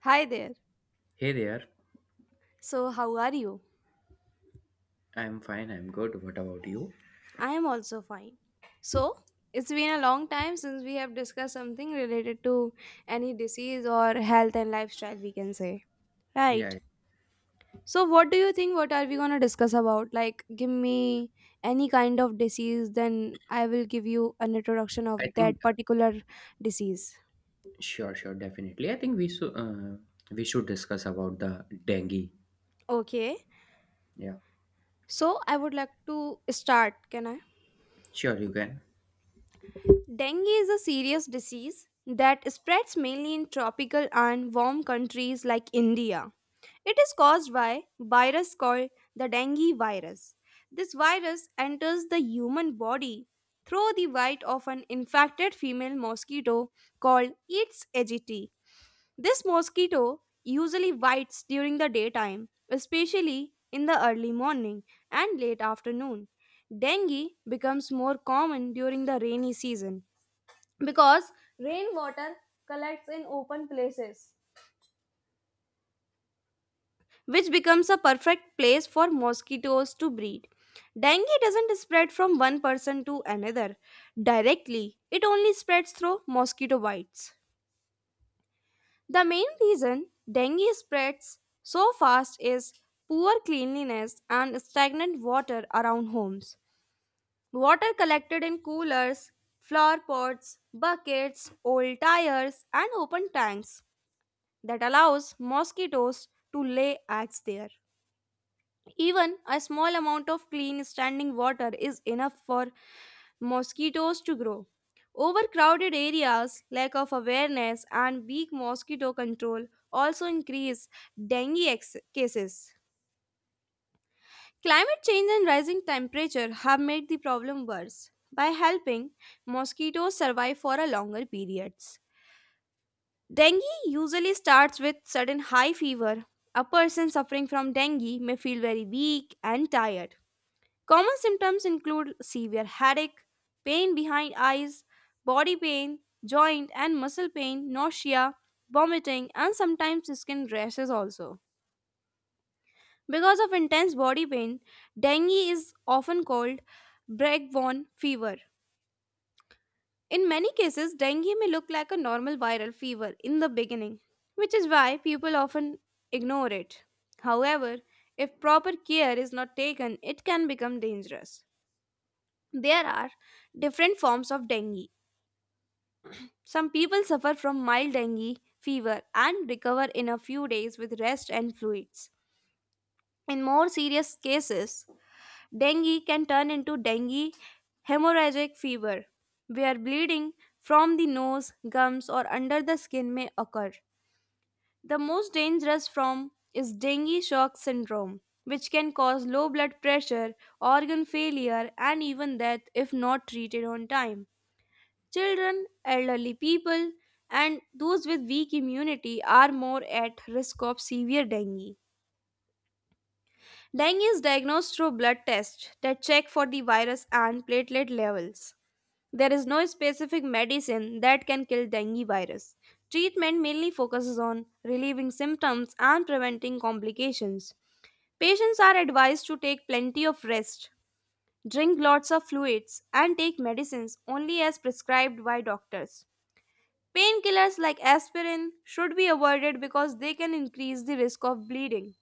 Hi there. Hey there. So, how are you? I'm fine. I'm good. What about you? I am also fine. So, it's been a long time since we have discussed something related to any disease or health and lifestyle, we can say. Right. Yeah, So, what do you think? What are we going to discuss about? Like, give me any kind of disease, then I will give you an introduction of I think that particular disease. Sure, sure, definitely. I think we should discuss about the dengue. Okay. Yeah, So, I would like to start. Can I? sure, you can. Dengue is a serious disease that spreads mainly in tropical and warm countries like India. It is caused by virus called the dengue virus. This virus enters the human body through the bite of an infected female mosquito called Aedes aegypti. This mosquito usually bites during the daytime, especially in the early morning and late afternoon. Dengue becomes more common during the rainy season because rainwater collects in open places, which becomes a perfect place for mosquitoes to breed. Dengue doesn't spread from one person to another directly, it only spreads through mosquito bites. The main reason dengue spreads so fast is poor cleanliness and stagnant water around homes. Water collected in coolers, flower pots, buckets, old tires, and open tanks that allows mosquitoes to lay eggs there. Even a small amount of clean standing water is enough for mosquitoes to grow. Overcrowded areas, lack of awareness, and weak mosquito control also increase dengue cases. Climate change and rising temperature have made the problem worse by helping mosquitoes survive for a longer periods. Dengue usually starts with sudden high fever. A person suffering from dengue may feel very weak and tired. Common symptoms include severe headache, pain behind eyes, body pain, joint and muscle pain, nausea, vomiting, and sometimes skin rashes also. Because of intense body pain, dengue is often called breakborn fever. In many cases, dengue may look like a normal viral fever in the beginning, which is why people often ignore it. However, if proper care is not taken, it can become dangerous. There are different forms of dengue. Some people suffer from mild dengue fever and recover in a few days with rest and fluids. In more serious cases, dengue can turn into dengue hemorrhagic fever, where bleeding from the nose, gums, or under the skin may occur. The most dangerous form is dengue shock syndrome, which can cause low blood pressure, organ failure, and even death if not treated on time. Children, elderly people, and those with weak immunity are more at risk of severe dengue. Dengue is diagnosed through blood tests that check for the virus and platelet levels. There is no specific medicine that can kill dengue virus. Treatment mainly focuses on relieving symptoms and preventing complications. Patients are advised to take plenty of rest, drink lots of fluids, and take medicines only as prescribed by doctors. Painkillers like aspirin should be avoided because they can increase the risk of bleeding.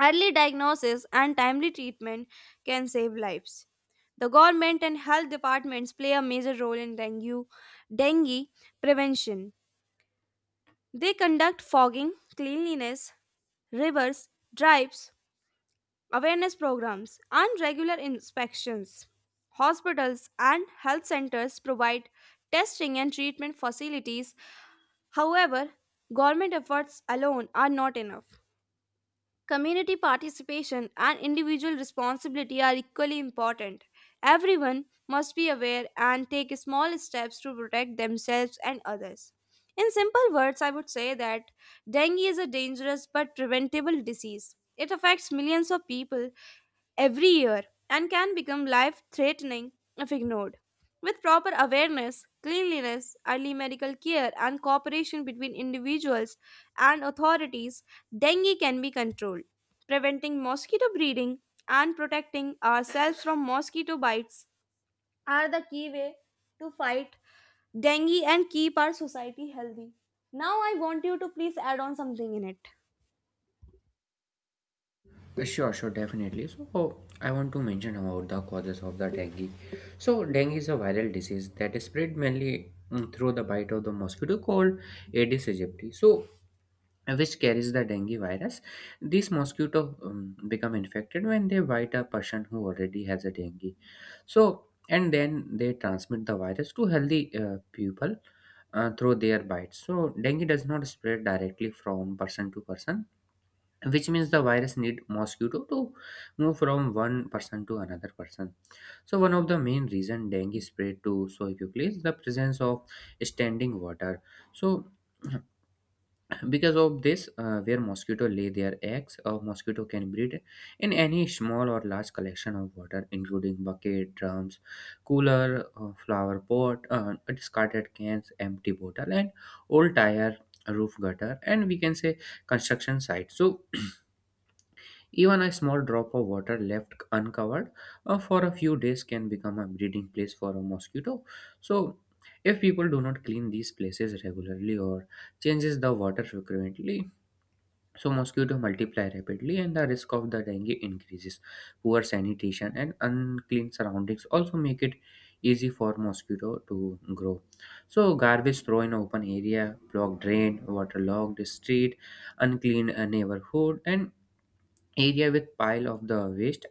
Early diagnosis and timely treatment can save lives. The government and health departments play a major role in dengue prevention. They conduct fogging, cleanliness, rivers, drives, awareness programs, and regular inspections. Hospitals and health centers provide testing and treatment facilities. However, government efforts alone are not enough. Community participation and individual responsibility are equally important. Everyone must be aware and take small steps to protect themselves and others. In simple words, I would say that dengue is a dangerous but preventable disease. It affects millions of people every year and can become life threatening if ignored. With proper awareness, cleanliness, early medical care, and cooperation between individuals and authorities, dengue can be controlled. Preventing mosquito breeding and protecting ourselves from mosquito bites are the key way to fight dengue and keep our society healthy. Now, I want you to please add on something in it. Sure, sure, definitely. I want to mention about the causes of the dengue. So dengue is a viral disease that is spread mainly through the bite of the mosquito called Aedes aegypti, which carries the dengue virus. These mosquito become infected when they bite a person who already has a dengue. So, and then they transmit the virus to healthy people through their bites. So, dengue does not spread directly from person to person, which means the virus need mosquito to move from one person to another person. So, one of the main reason dengue spread to so quickly is the presence of standing water. So because of this where mosquito lay their eggs, a mosquito can breed in any small or large collection of water, including bucket, drums, cooler, flower pot, discarded cans, empty bottle, and old tire, roof gutter, and we can say construction site. So even a small drop of water left uncovered for a few days can become a breeding place for a mosquito. So if people do not clean these places regularly or changes the water frequently, so mosquitoes multiply rapidly and the risk of the dengue increases. Poor sanitation and unclean surroundings also make it easy for mosquito to grow. So garbage throw in open area, blocked drain, waterlogged street, unclean neighborhood, and area with pile of the waste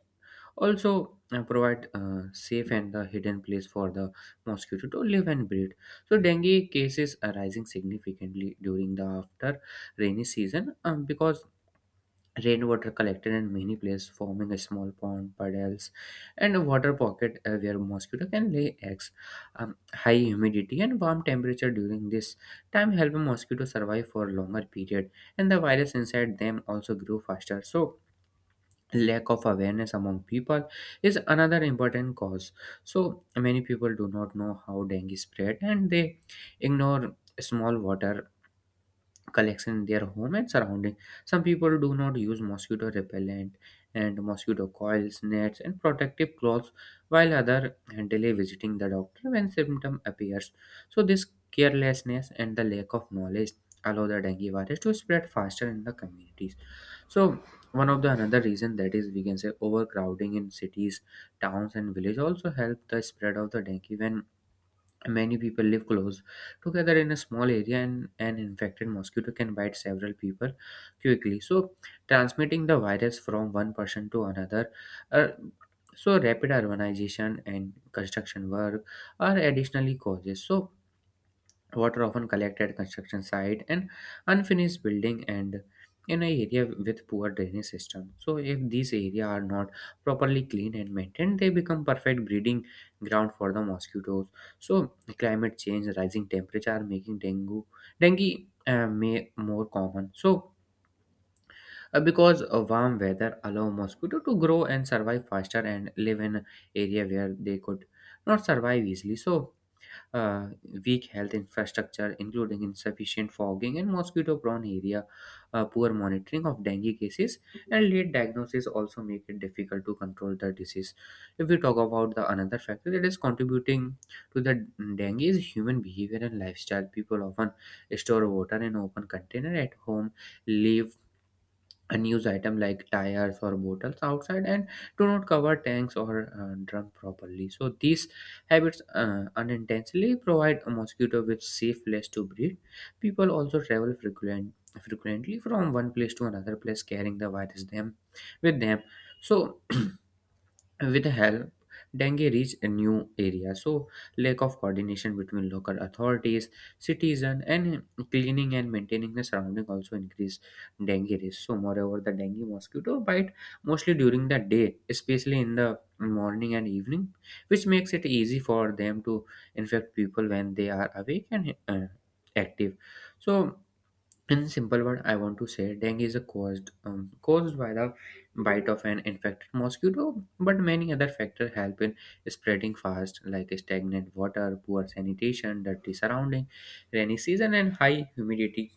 also provide safe and the hidden place for the mosquito to live and breed. So dengue cases are rising significantly during the after rainy season, because rainwater collected in many places, forming a small pond, puddles, and a water pocket where mosquito can lay eggs. High humidity and warm temperature during this time help mosquitoes survive for a longer period, and the virus inside them also grow faster. So, lack of awareness among people is another important cause. So, many people do not know how dengue spread, and they ignore small water collection in their home and surrounding. Some people do not use mosquito repellent and mosquito coils, nets, and protective clothes, while others delay visiting the doctor when symptom appears. So this carelessness and the lack of knowledge allow the dengue virus to spread faster in the communities. So one of the another reason that is we can say overcrowding in cities, towns, and village also help the spread of the dengue. When many people live close together in a small area, and an infected mosquito can bite several people quickly, so transmitting the virus from one person to another. Uh, so rapid urbanization and construction work are additionally causes. So, water often collected at construction site and unfinished building and in an area with poor drainage system. So if these areas are not properly cleaned and maintained, they become perfect breeding ground for the mosquitoes. So climate change, rising temperature are making dengue may more common. So because warm weather allow mosquito to grow and survive faster and live in area where they could not survive easily. So uh, weak health infrastructure, including insufficient fogging and mosquito prone area, poor monitoring of dengue cases, and late diagnosis also make it difficult to control the disease. If we talk about the another factor that is contributing to the dengue is human behavior and lifestyle. People often store water in open container at home, leave unused news item like tires or bottles outside, and do not cover tanks or drum properly. So these habits unintentionally provide a mosquito with safe place to breed. People also travel frequently from one place to another place, carrying the virus them with them. So with help dengue reached a new area. So lack of coordination between local authorities, citizens, and cleaning and maintaining the surrounding also increased dengue risk. So moreover, the dengue mosquito bite mostly during the day, especially in the morning and evening, which makes it easy for them to infect people when they are awake and active. So in simple word, I want to say dengue is a caused caused by the bite of an infected mosquito, but many other factors help in spreading fast, like stagnant water, poor sanitation, dirty surrounding, rainy season and high humidity,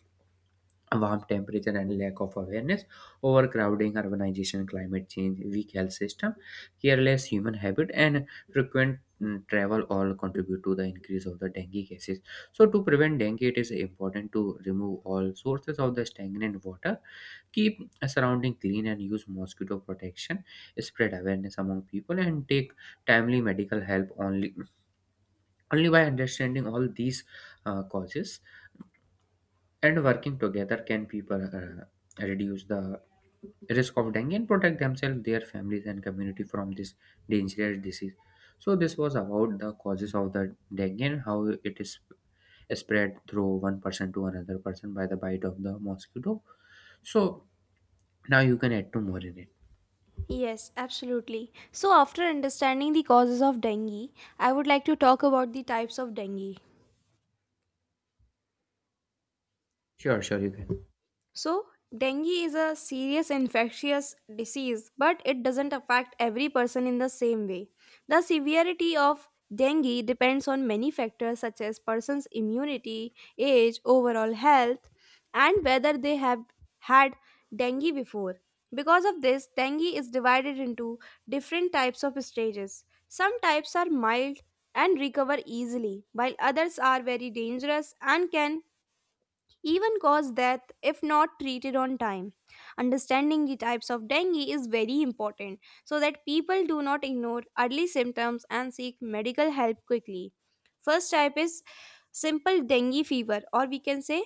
warm temperature and lack of awareness, overcrowding, urbanization, climate change, weak health system, careless human habit, and frequent travel all contribute to the increase of the dengue cases. So, to prevent dengue, it is important to remove all sources of the stagnant water, keep a surrounding clean, and use mosquito protection, spread awareness among people, and take timely only by understanding all these causes and working together can people reduce the risk of dengue and protect themselves, their families, and community from this dangerous disease. So this was about the causes of the dengue and how it is spread through one person to another person by the bite of the mosquito. So now you can add two more in it. Yes, absolutely. So, after understanding the causes of dengue, I would like to talk about the types of dengue. Sure, sure, you can. So, dengue is a serious infectious disease, but it doesn't affect every person in the same way. The severity of dengue depends on many factors such as person's immunity, age, overall health, and whether they have had dengue before. Because of this, dengue is divided into different types of stages. Some types are mild and recover easily, while others are very dangerous and can even cause death if not treated on time. Understanding the types of dengue is very important so that people do not ignore early symptoms and seek medical help quickly. First type is simple dengue fever, or we can say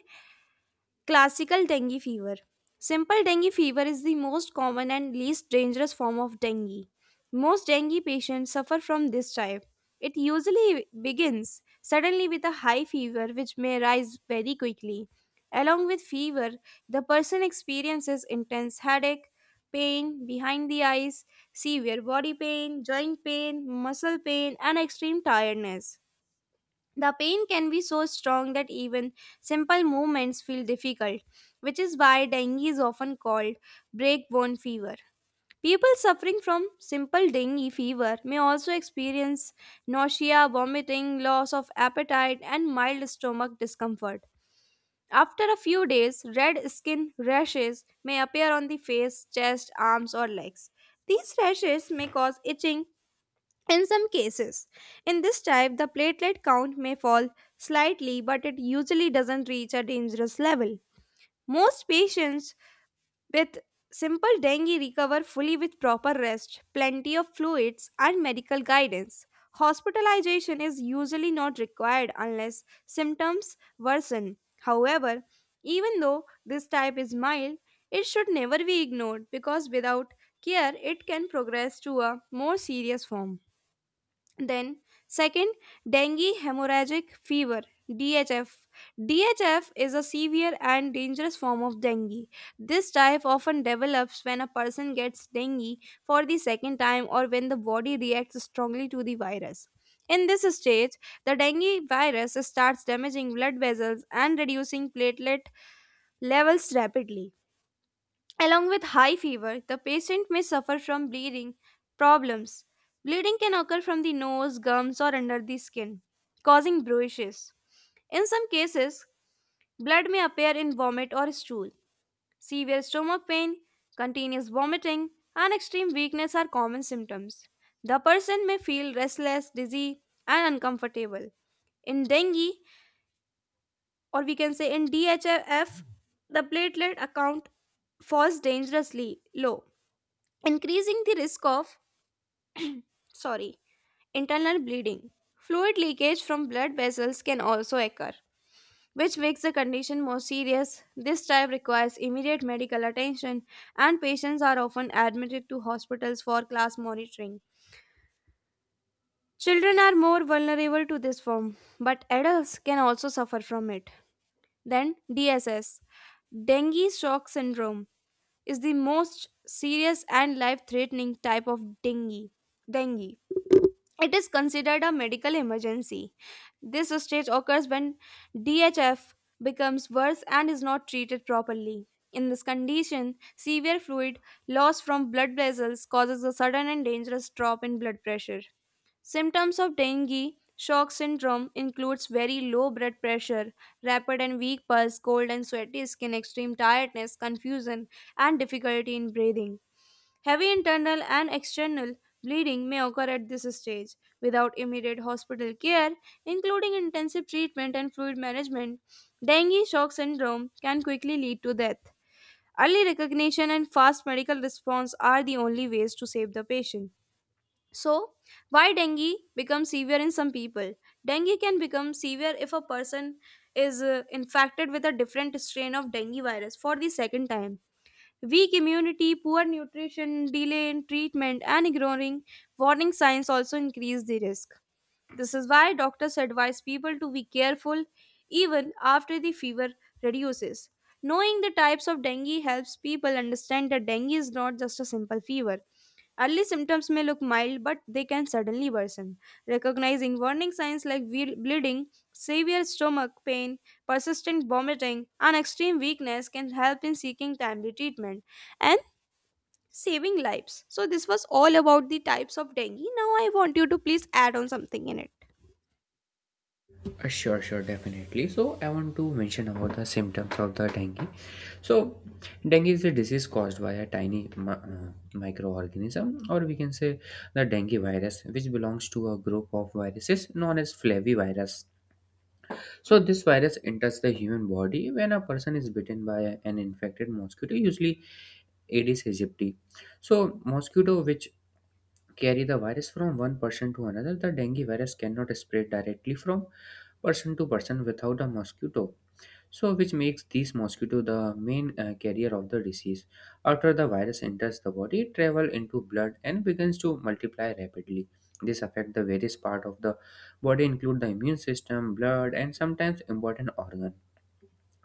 classical dengue fever. Simple dengue fever is the most common and least dangerous form of dengue. Most dengue patients suffer from this type. It usually begins suddenly with a high fever, which may rise very quickly. Along with fever, the person experiences intense headache, pain behind the eyes, severe body pain, joint pain, muscle pain, and extreme tiredness. The pain can be so strong that even simple movements feel difficult, which is why dengue is often called breakbone fever. People suffering from simple dengue fever may also experience nausea, vomiting, loss of appetite, and mild stomach discomfort. After a few days, red skin rashes may appear on the face, chest, arms, or legs. These rashes may cause itching, in some cases, in this type, the platelet count may fall slightly, but it usually doesn't reach a dangerous level. Most patients with simple dengue recover fully with proper rest, plenty of fluids, and medical guidance. Hospitalization is usually not required unless symptoms worsen. However, even though this type is mild, it should never be ignored because without care, it can progress to a more serious form. Then, second, dengue hemorrhagic fever, DHF. DHF is a severe and dangerous form of dengue. This type often develops when a person gets dengue for the second time or when the body reacts strongly to the virus. In this stage, the dengue virus starts damaging blood vessels and reducing platelet levels rapidly. Along with high fever, the patient may suffer from bleeding problems. Bleeding can occur from the nose, gums, or under the skin, causing bruises. In some cases, blood may appear in vomit or stool. Severe stomach pain, continuous vomiting, and extreme weakness are common symptoms. The person may feel restless, dizzy, and uncomfortable. In dengue, or we can say in DHF, the platelet account falls dangerously low, increasing the risk of, sorry, internal bleeding. Fluid leakage from blood vessels can also occur, which makes the condition more serious. This type requires immediate medical attention, and patients are often admitted to hospitals for class monitoring. Children are more vulnerable to this form, but adults can also suffer from it. Then DSS, dengue shock syndrome, is the most serious and life threatening type of dengue dengue. It is considered a medical emergency. This stage occurs when DHF becomes worse and is not treated properly. In this condition, severe fluid loss from blood vessels causes a sudden and dangerous drop in blood pressure. Symptoms of dengue shock syndrome includes very low blood pressure, rapid and weak pulse, cold and sweaty skin, extreme tiredness, confusion, and difficulty in breathing. Heavy internal and external bleeding may occur at this stage. Without immediate hospital care, including intensive treatment and fluid management, dengue shock syndrome can quickly lead to death. Early recognition and fast medical response are the only ways to save the patient. So, why dengue becomes severe in some people? Dengue can become severe if a person is infected with a different strain of dengue virus for the second time. Weak immunity, poor nutrition, delay in treatment, and ignoring warning signs also increase the risk. This is why doctors advise people to be careful even after the fever reduces. Knowing the types of dengue helps people understand that dengue is not just a simple fever. Early symptoms may look mild, but they can suddenly worsen. Recognizing warning signs like bleeding, severe stomach pain, persistent vomiting, and extreme weakness can help in seeking timely treatment and saving lives. So, this was all about the types of dengue. Now, I want you to please add on something in it. Sure, sure, definitely. So I want to mention about the symptoms of the dengue. So, dengue is a disease caused by a tiny microorganism, or we can say the dengue virus, which belongs to a group of viruses known as flavivirus. So, this virus enters the human body when a person is bitten by an infected mosquito, usually Aedes aegypti. So, mosquito which carry the virus from one person to another, the dengue virus cannot spread directly from person to person without a mosquito, so which makes these mosquito the main carrier of the disease. After the virus enters the body, it travel into blood and begins to multiply rapidly. This affect the various part of the body, include the immune system, blood, and sometimes important organ.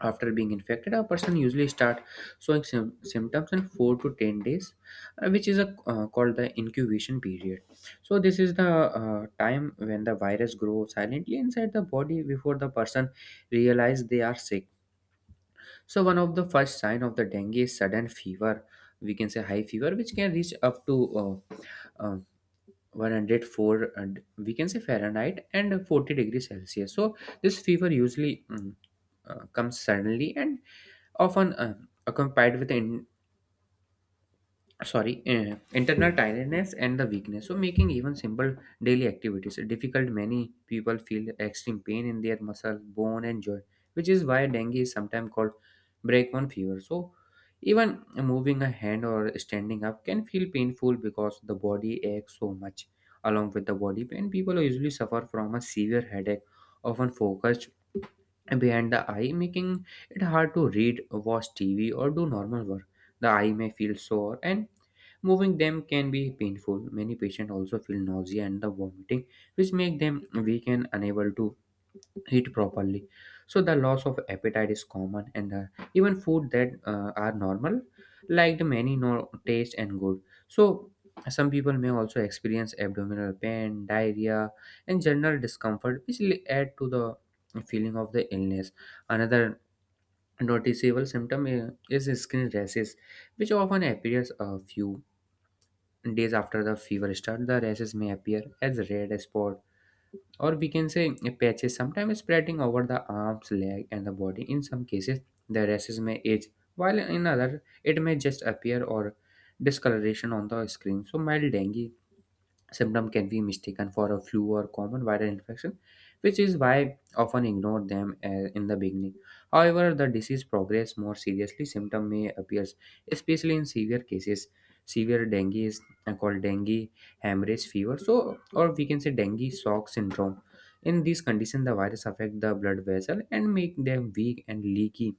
After being infected, a person usually start showing symptoms in 4 to 10 days, which is called the incubation period. So this is the time when the virus grows silently inside the body before the person realize they are sick. So one of the first sign of the dengue is sudden fever. We can say high fever, which can reach up to uh, 104, and we can say Fahrenheit, and 40 degrees Celsius. So this fever usually comes suddenly and often accompanied with in, sorry internal tiredness and the weakness, so making even simple daily activities difficult. Many people feel extreme pain in their muscle, bone, and joint, which is why dengue is sometimes called breakbone fever. So even moving a hand or standing up can feel painful because the body aches so much. Along with the body pain, people usually suffer from a severe headache, often focused behind the eye, making it hard to read, watch TV, or do normal work. The eye may feel sore, and moving them can be painful. Many patients also feel nausea and the vomiting, which make them weak and unable to eat properly. So the loss of appetite is common, and even food that are normal, like the many no taste and good. So some people may also experience abdominal pain, diarrhea, and general discomfort, which will add to the feeling of the illness. Another noticeable symptom is skin rashes, which often appears a few days after the fever starts. The rashes may appear as red spot, or we can say patches, sometimes spreading over the arms, leg, and the body. In some cases, the rashes may age, while in other, it may just appear or discoloration on the skin. So mild dengue symptom can be mistaken for a flu or common viral infection, which is why often ignore them in the beginning. However, the disease progress more seriously, symptom may appears, especially in severe cases. Severe dengue is called dengue hemorrhage fever, so or we can say dengue shock syndrome. In these conditions, the virus affect the blood vessel and make them weak and leaky,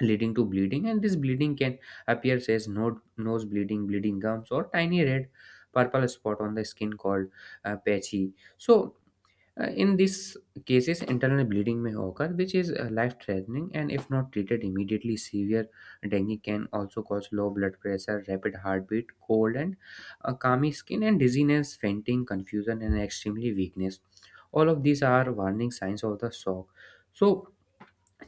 leading to bleeding, and this bleeding can appear as no, nose bleeding, bleeding gums, or tiny red purple spot on the skin called patchy. So in these cases, internal bleeding may occur, which is life threatening, and if not treated immediately, severe dengue can also cause low blood pressure, rapid heartbeat, cold and clammy skin, and dizziness, fainting, confusion, and extremely weakness. All of these are warning signs of the shock. So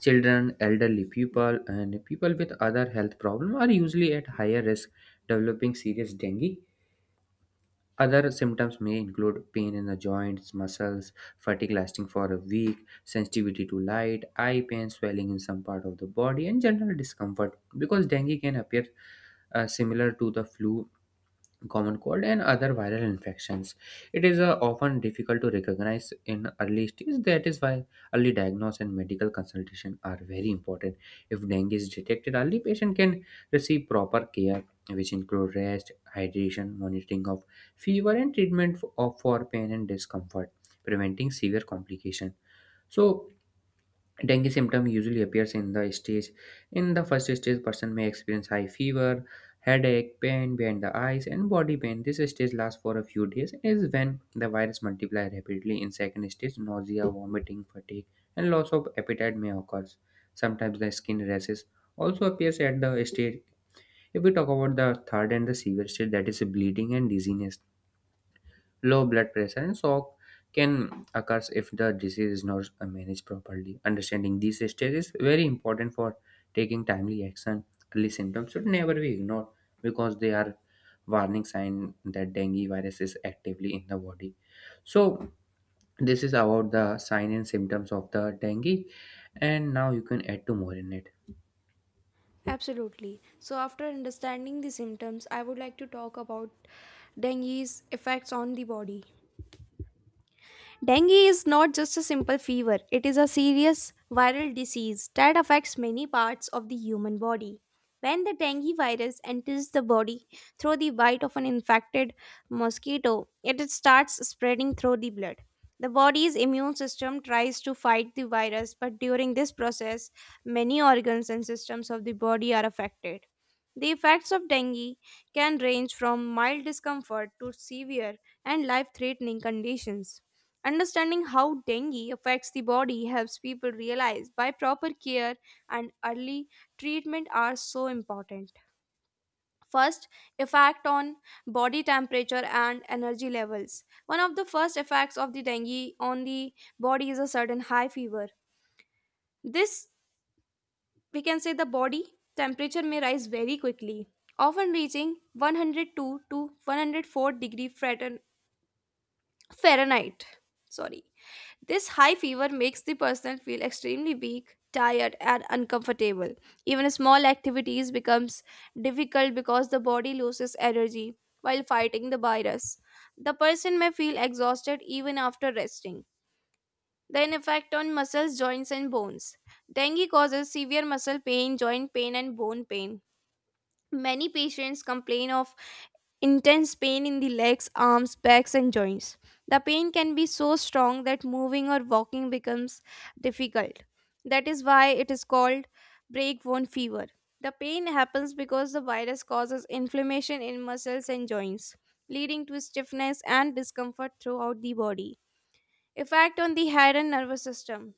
children, elderly people, and people with other health problems are usually at higher risk developing serious dengue. Other symptoms may include pain in the joints, muscles, fatigue lasting for a week, sensitivity to light, eye pain, swelling in some part of the body, and general discomfort. Because dengue can appear similar to the flu, common cold, and other viral infections. It is often difficult to recognize in early stage. That is why early diagnosis and medical consultation are very important. If dengue is detected early, patient can receive proper care, which include rest, hydration, monitoring of fever, and treatment f- of for pain and discomfort, preventing severe complication. So dengue symptom usually appears in the stage. In the first stage, person may experience high fever, headache, pain behind the eyes, and body pain. This stage lasts for a few days and is when the virus multiplies rapidly. In second stage, nausea, vomiting, fatigue, and loss of appetite may occur. Sometimes the skin rashes also appears at the stage. If we talk about the third and the severe stage, that is bleeding and dizziness. Low blood pressure and shock can occur if the disease is not managed properly. Understanding these stages is very important for taking timely action. Early symptoms should never be ignored because they are warning sign that dengue virus is actively in the body. So this is about the sign and symptoms of the dengue, and now you can add to more in it. Absolutely. So, after understanding the symptoms, I would like to talk about dengue's effects on the body. Dengue is not just a simple fever, it is a serious viral disease that affects many parts of the human body. When the dengue virus enters the body through the bite of an infected mosquito, it starts spreading through the blood. The body's immune system tries to fight the virus, but during this process, many organs and systems of the body are affected. The effects of dengue can range from mild discomfort to severe and life threatening conditions. Understanding how dengue affects the body helps people realize why proper care and early treatment are so important. First, effect on body temperature and energy levels. One of the first effects of the dengue on the body is a sudden high fever. This, we can say, the body temperature may rise very quickly, often reaching 102 to 104 degree Fahrenheit. Sorry. This high fever makes the person feel extremely weak, tired, and uncomfortable. Even small activities becomes difficult because the body loses energy while fighting the virus. The person may feel exhausted even after resting. Then effect on muscles, joints, and bones. Dengue causes severe muscle pain, joint pain, and bone pain. Many patients complain of intense pain in the legs, arms, backs, and joints. The pain can be so strong that moving or walking becomes difficult. That is why it is called breakbone fever. The pain happens because the virus causes inflammation in muscles and joints, leading to stiffness and discomfort throughout the body. Effect on the head and nervous system.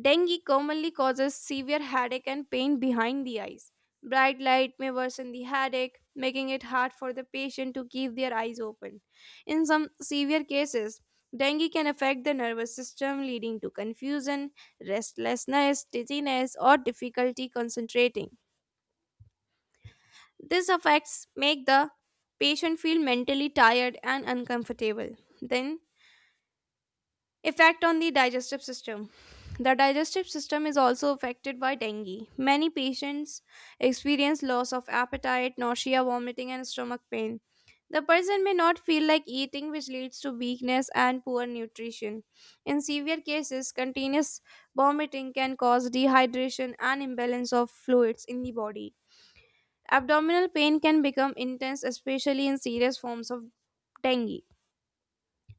Dengue commonly causes severe headache and pain behind the eyes. Bright light may worsen the headache, making it hard for the patient to keep their eyes open. In some severe cases, dengue can affect the nervous system, leading to confusion, restlessness, dizziness, or difficulty concentrating. These effects make the patient feel mentally tired and uncomfortable. Then, effect on the digestive system. The digestive system is also affected by dengue. Many patients experience loss of appetite, nausea, vomiting, and stomach pain. The person may not feel like eating, which leads to weakness and poor nutrition. In severe cases, continuous vomiting can cause dehydration and imbalance of fluids in the body. Abdominal pain can become intense, especially in serious forms of dengue.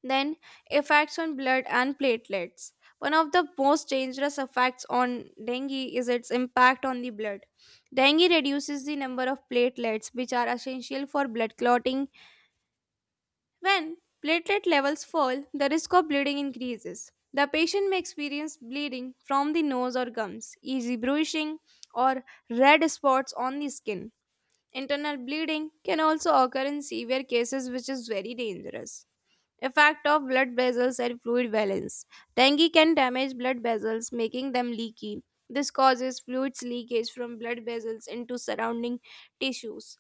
Then, effects on blood and platelets. One of the most dangerous effects on dengue is its impact on the blood. Dengue reduces the number of platelets, which are essential for blood clotting. When platelet levels fall, the risk of bleeding increases. The patient may experience bleeding from the nose or gums, easy bruising, or red spots on the skin. Internal bleeding can also occur in severe cases, which is very dangerous. Effect of blood vessels and fluid balance. Dengue can damage blood vessels, making them leaky. This causes fluids leakage from blood vessels into surrounding tissues.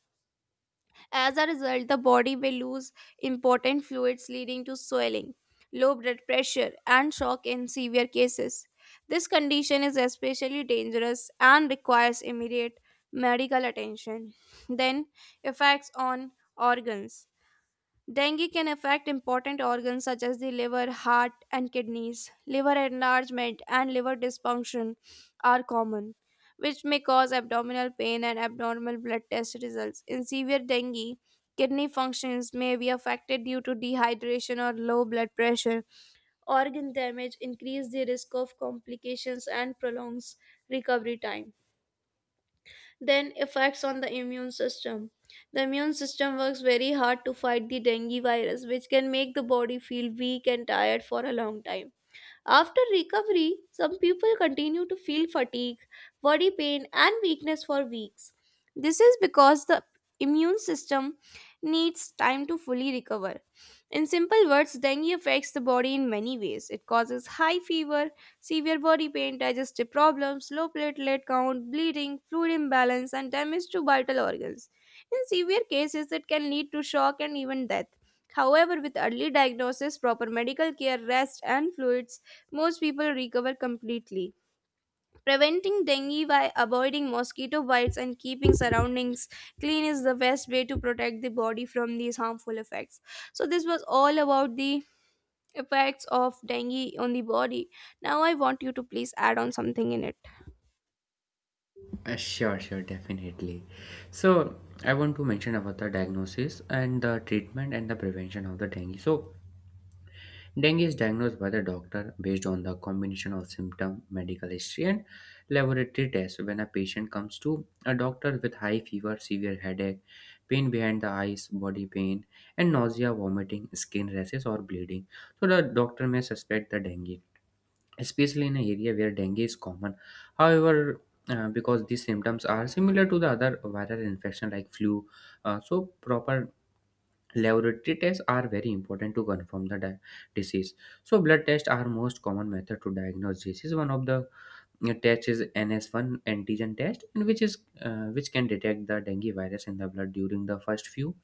As a result, the body may lose important fluids, leading to swelling, low blood pressure, and shock in severe cases. This condition is especially dangerous and requires immediate medical attention. Then, effects on organs. Dengue can affect important organs such as the liver, heart, and kidneys. Liver enlargement and liver dysfunction are common, which may cause abdominal pain and abnormal blood test results. In severe dengue, kidney functions may be affected due to dehydration or low blood pressure. Organ damage increases the risk of complications and prolongs recovery time. Then effects on the immune system. The immune system works very hard to fight the dengue virus, which can make the body feel weak and tired for a long time. After recovery, some people continue to feel fatigue, body pain, and weakness for weeks. This is because the immune system needs time to fully recover. In simple words, dengue affects the body in many ways. It causes high fever, severe body pain, digestive problems, low platelet count, bleeding, fluid imbalance, and damage to vital organs. In severe cases, it can lead to shock and even death. However, with early diagnosis, proper medical care, rest, and fluids, most people recover completely. Preventing dengue by avoiding mosquito bites and keeping surroundings clean is the best way to protect the body from these harmful effects. So, this was all about the effects of dengue on the body. Now, I want you to please add on something in it. Sure, sure, definitely. So I want to mention about the diagnosis and the treatment and the prevention of the dengue. So dengue is diagnosed by the doctor based on the combination of symptom, medical history, and laboratory tests. When a patient comes to a doctor with high fever, severe headache, pain behind the eyes, body pain, and nausea, vomiting, skin rashes, or bleeding, so the doctor may suspect the dengue, especially in an area where dengue is common. However, because these symptoms are similar to the other viral infection like flu, so proper laboratory tests are very important to confirm the disease. So blood tests are most common method to diagnose disease. One of the tests is NS1 antigen test, and which can detect the dengue virus in the blood during the first few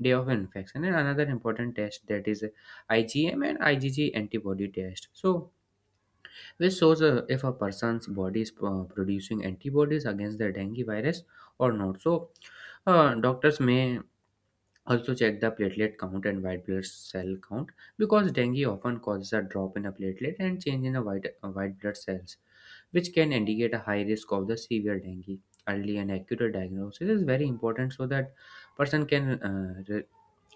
day of infection. And another important test that is IgM and IgG antibody test. So which shows if a person's body is producing antibodies against the dengue virus or not. So doctors may also check the platelet count and white blood cell count, because dengue often causes a drop in a platelet and change in the white blood cells, which can indicate a high risk of the severe dengue. Early and accurate diagnosis is very important so that person can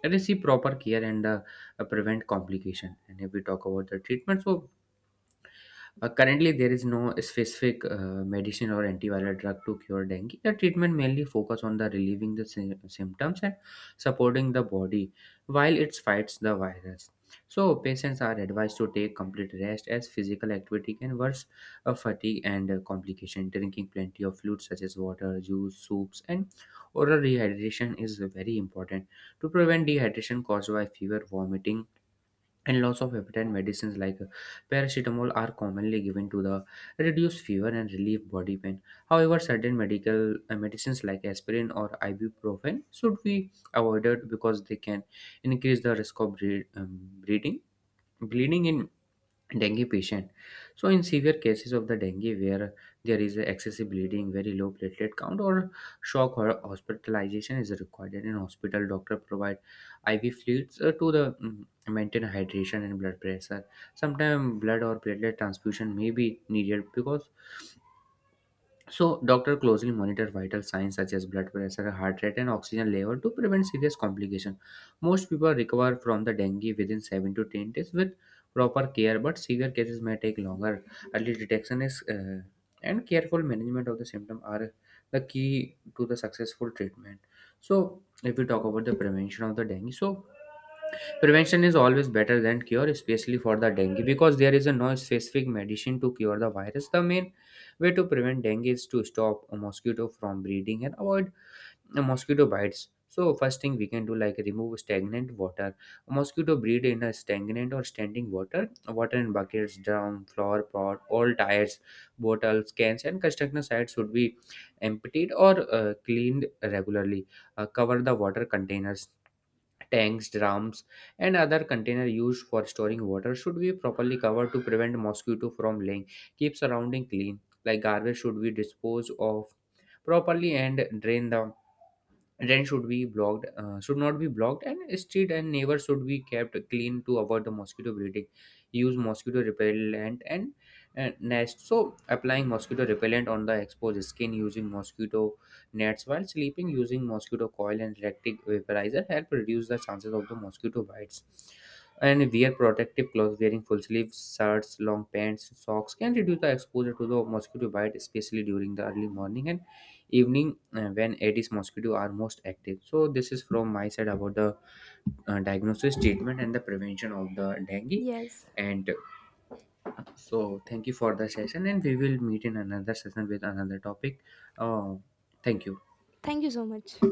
receive proper care and prevent complication. And if we talk about the treatment, so currently, there is no specific medicine or antiviral drug to cure dengue. The treatment mainly focus on the relieving the symptoms and supporting the body while it fights the virus. So, patients are advised to take complete rest as physical activity can worsen fatigue and complication. Drinking plenty of fluids such as water, juice, soups, and oral rehydration is very important to prevent dehydration caused by fever, vomiting, and lots of appetite. Medicines like paracetamol are commonly given to the reduce fever and relieve body pain. However, certain medical medicines like aspirin or ibuprofen should be avoided because they can increase the risk of bleeding, bleeding in dengue patient. So in severe cases of the dengue where there is excessive bleeding, very low platelet count, or shock, or hospitalization is required. And in hospital, doctor provide IV fluids to maintain hydration and blood pressure. Sometimes blood or platelet transfusion may be needed, because so, doctor closely monitor vital signs such as blood pressure, heart rate, and oxygen level to prevent serious complication. Most people recover from the dengue within 7 to 10 days with proper care, but severe cases may take longer. Early detection is and careful management of the symptom are the key to the successful treatment. So, if we talk about the prevention of the dengue, so prevention is always better than cure, especially for the dengue, because there is a no specific medicine to cure the virus. The main way to prevent dengue is to stop a mosquito from breeding and avoid mosquito bites. So first thing we can do like remove stagnant water. A mosquito breed in a stagnant or standing water, water in buckets, drum, flower pot, all tires, bottles, cans, and construction sites should be emptied or cleaned regularly. Cover the water containers. Tanks, drums, and other container used for storing water should be properly covered to prevent mosquito from laying. Keep surrounding clean, like garbage should be disposed of properly, and drain should be blocked should not be blocked, and street and neighbors should be kept clean to avoid the mosquito breeding. Use mosquito repellent and nest, so applying mosquito repellent on the exposed skin, using mosquito nets while sleeping, using mosquito coil and electric vaporizer help reduce the chances of the mosquito bites. And wear protective clothes, wearing full sleeves shirts, long pants, socks can reduce the exposure to the mosquito bite, especially during the early morning and evening, when aedes mosquito are most active. So this is from my side about the diagnosis, treatment, and the prevention of the dengue. Yes. And so thank you for the session, and we will meet in another session with another topic. Uh, thank you. Thank you so much.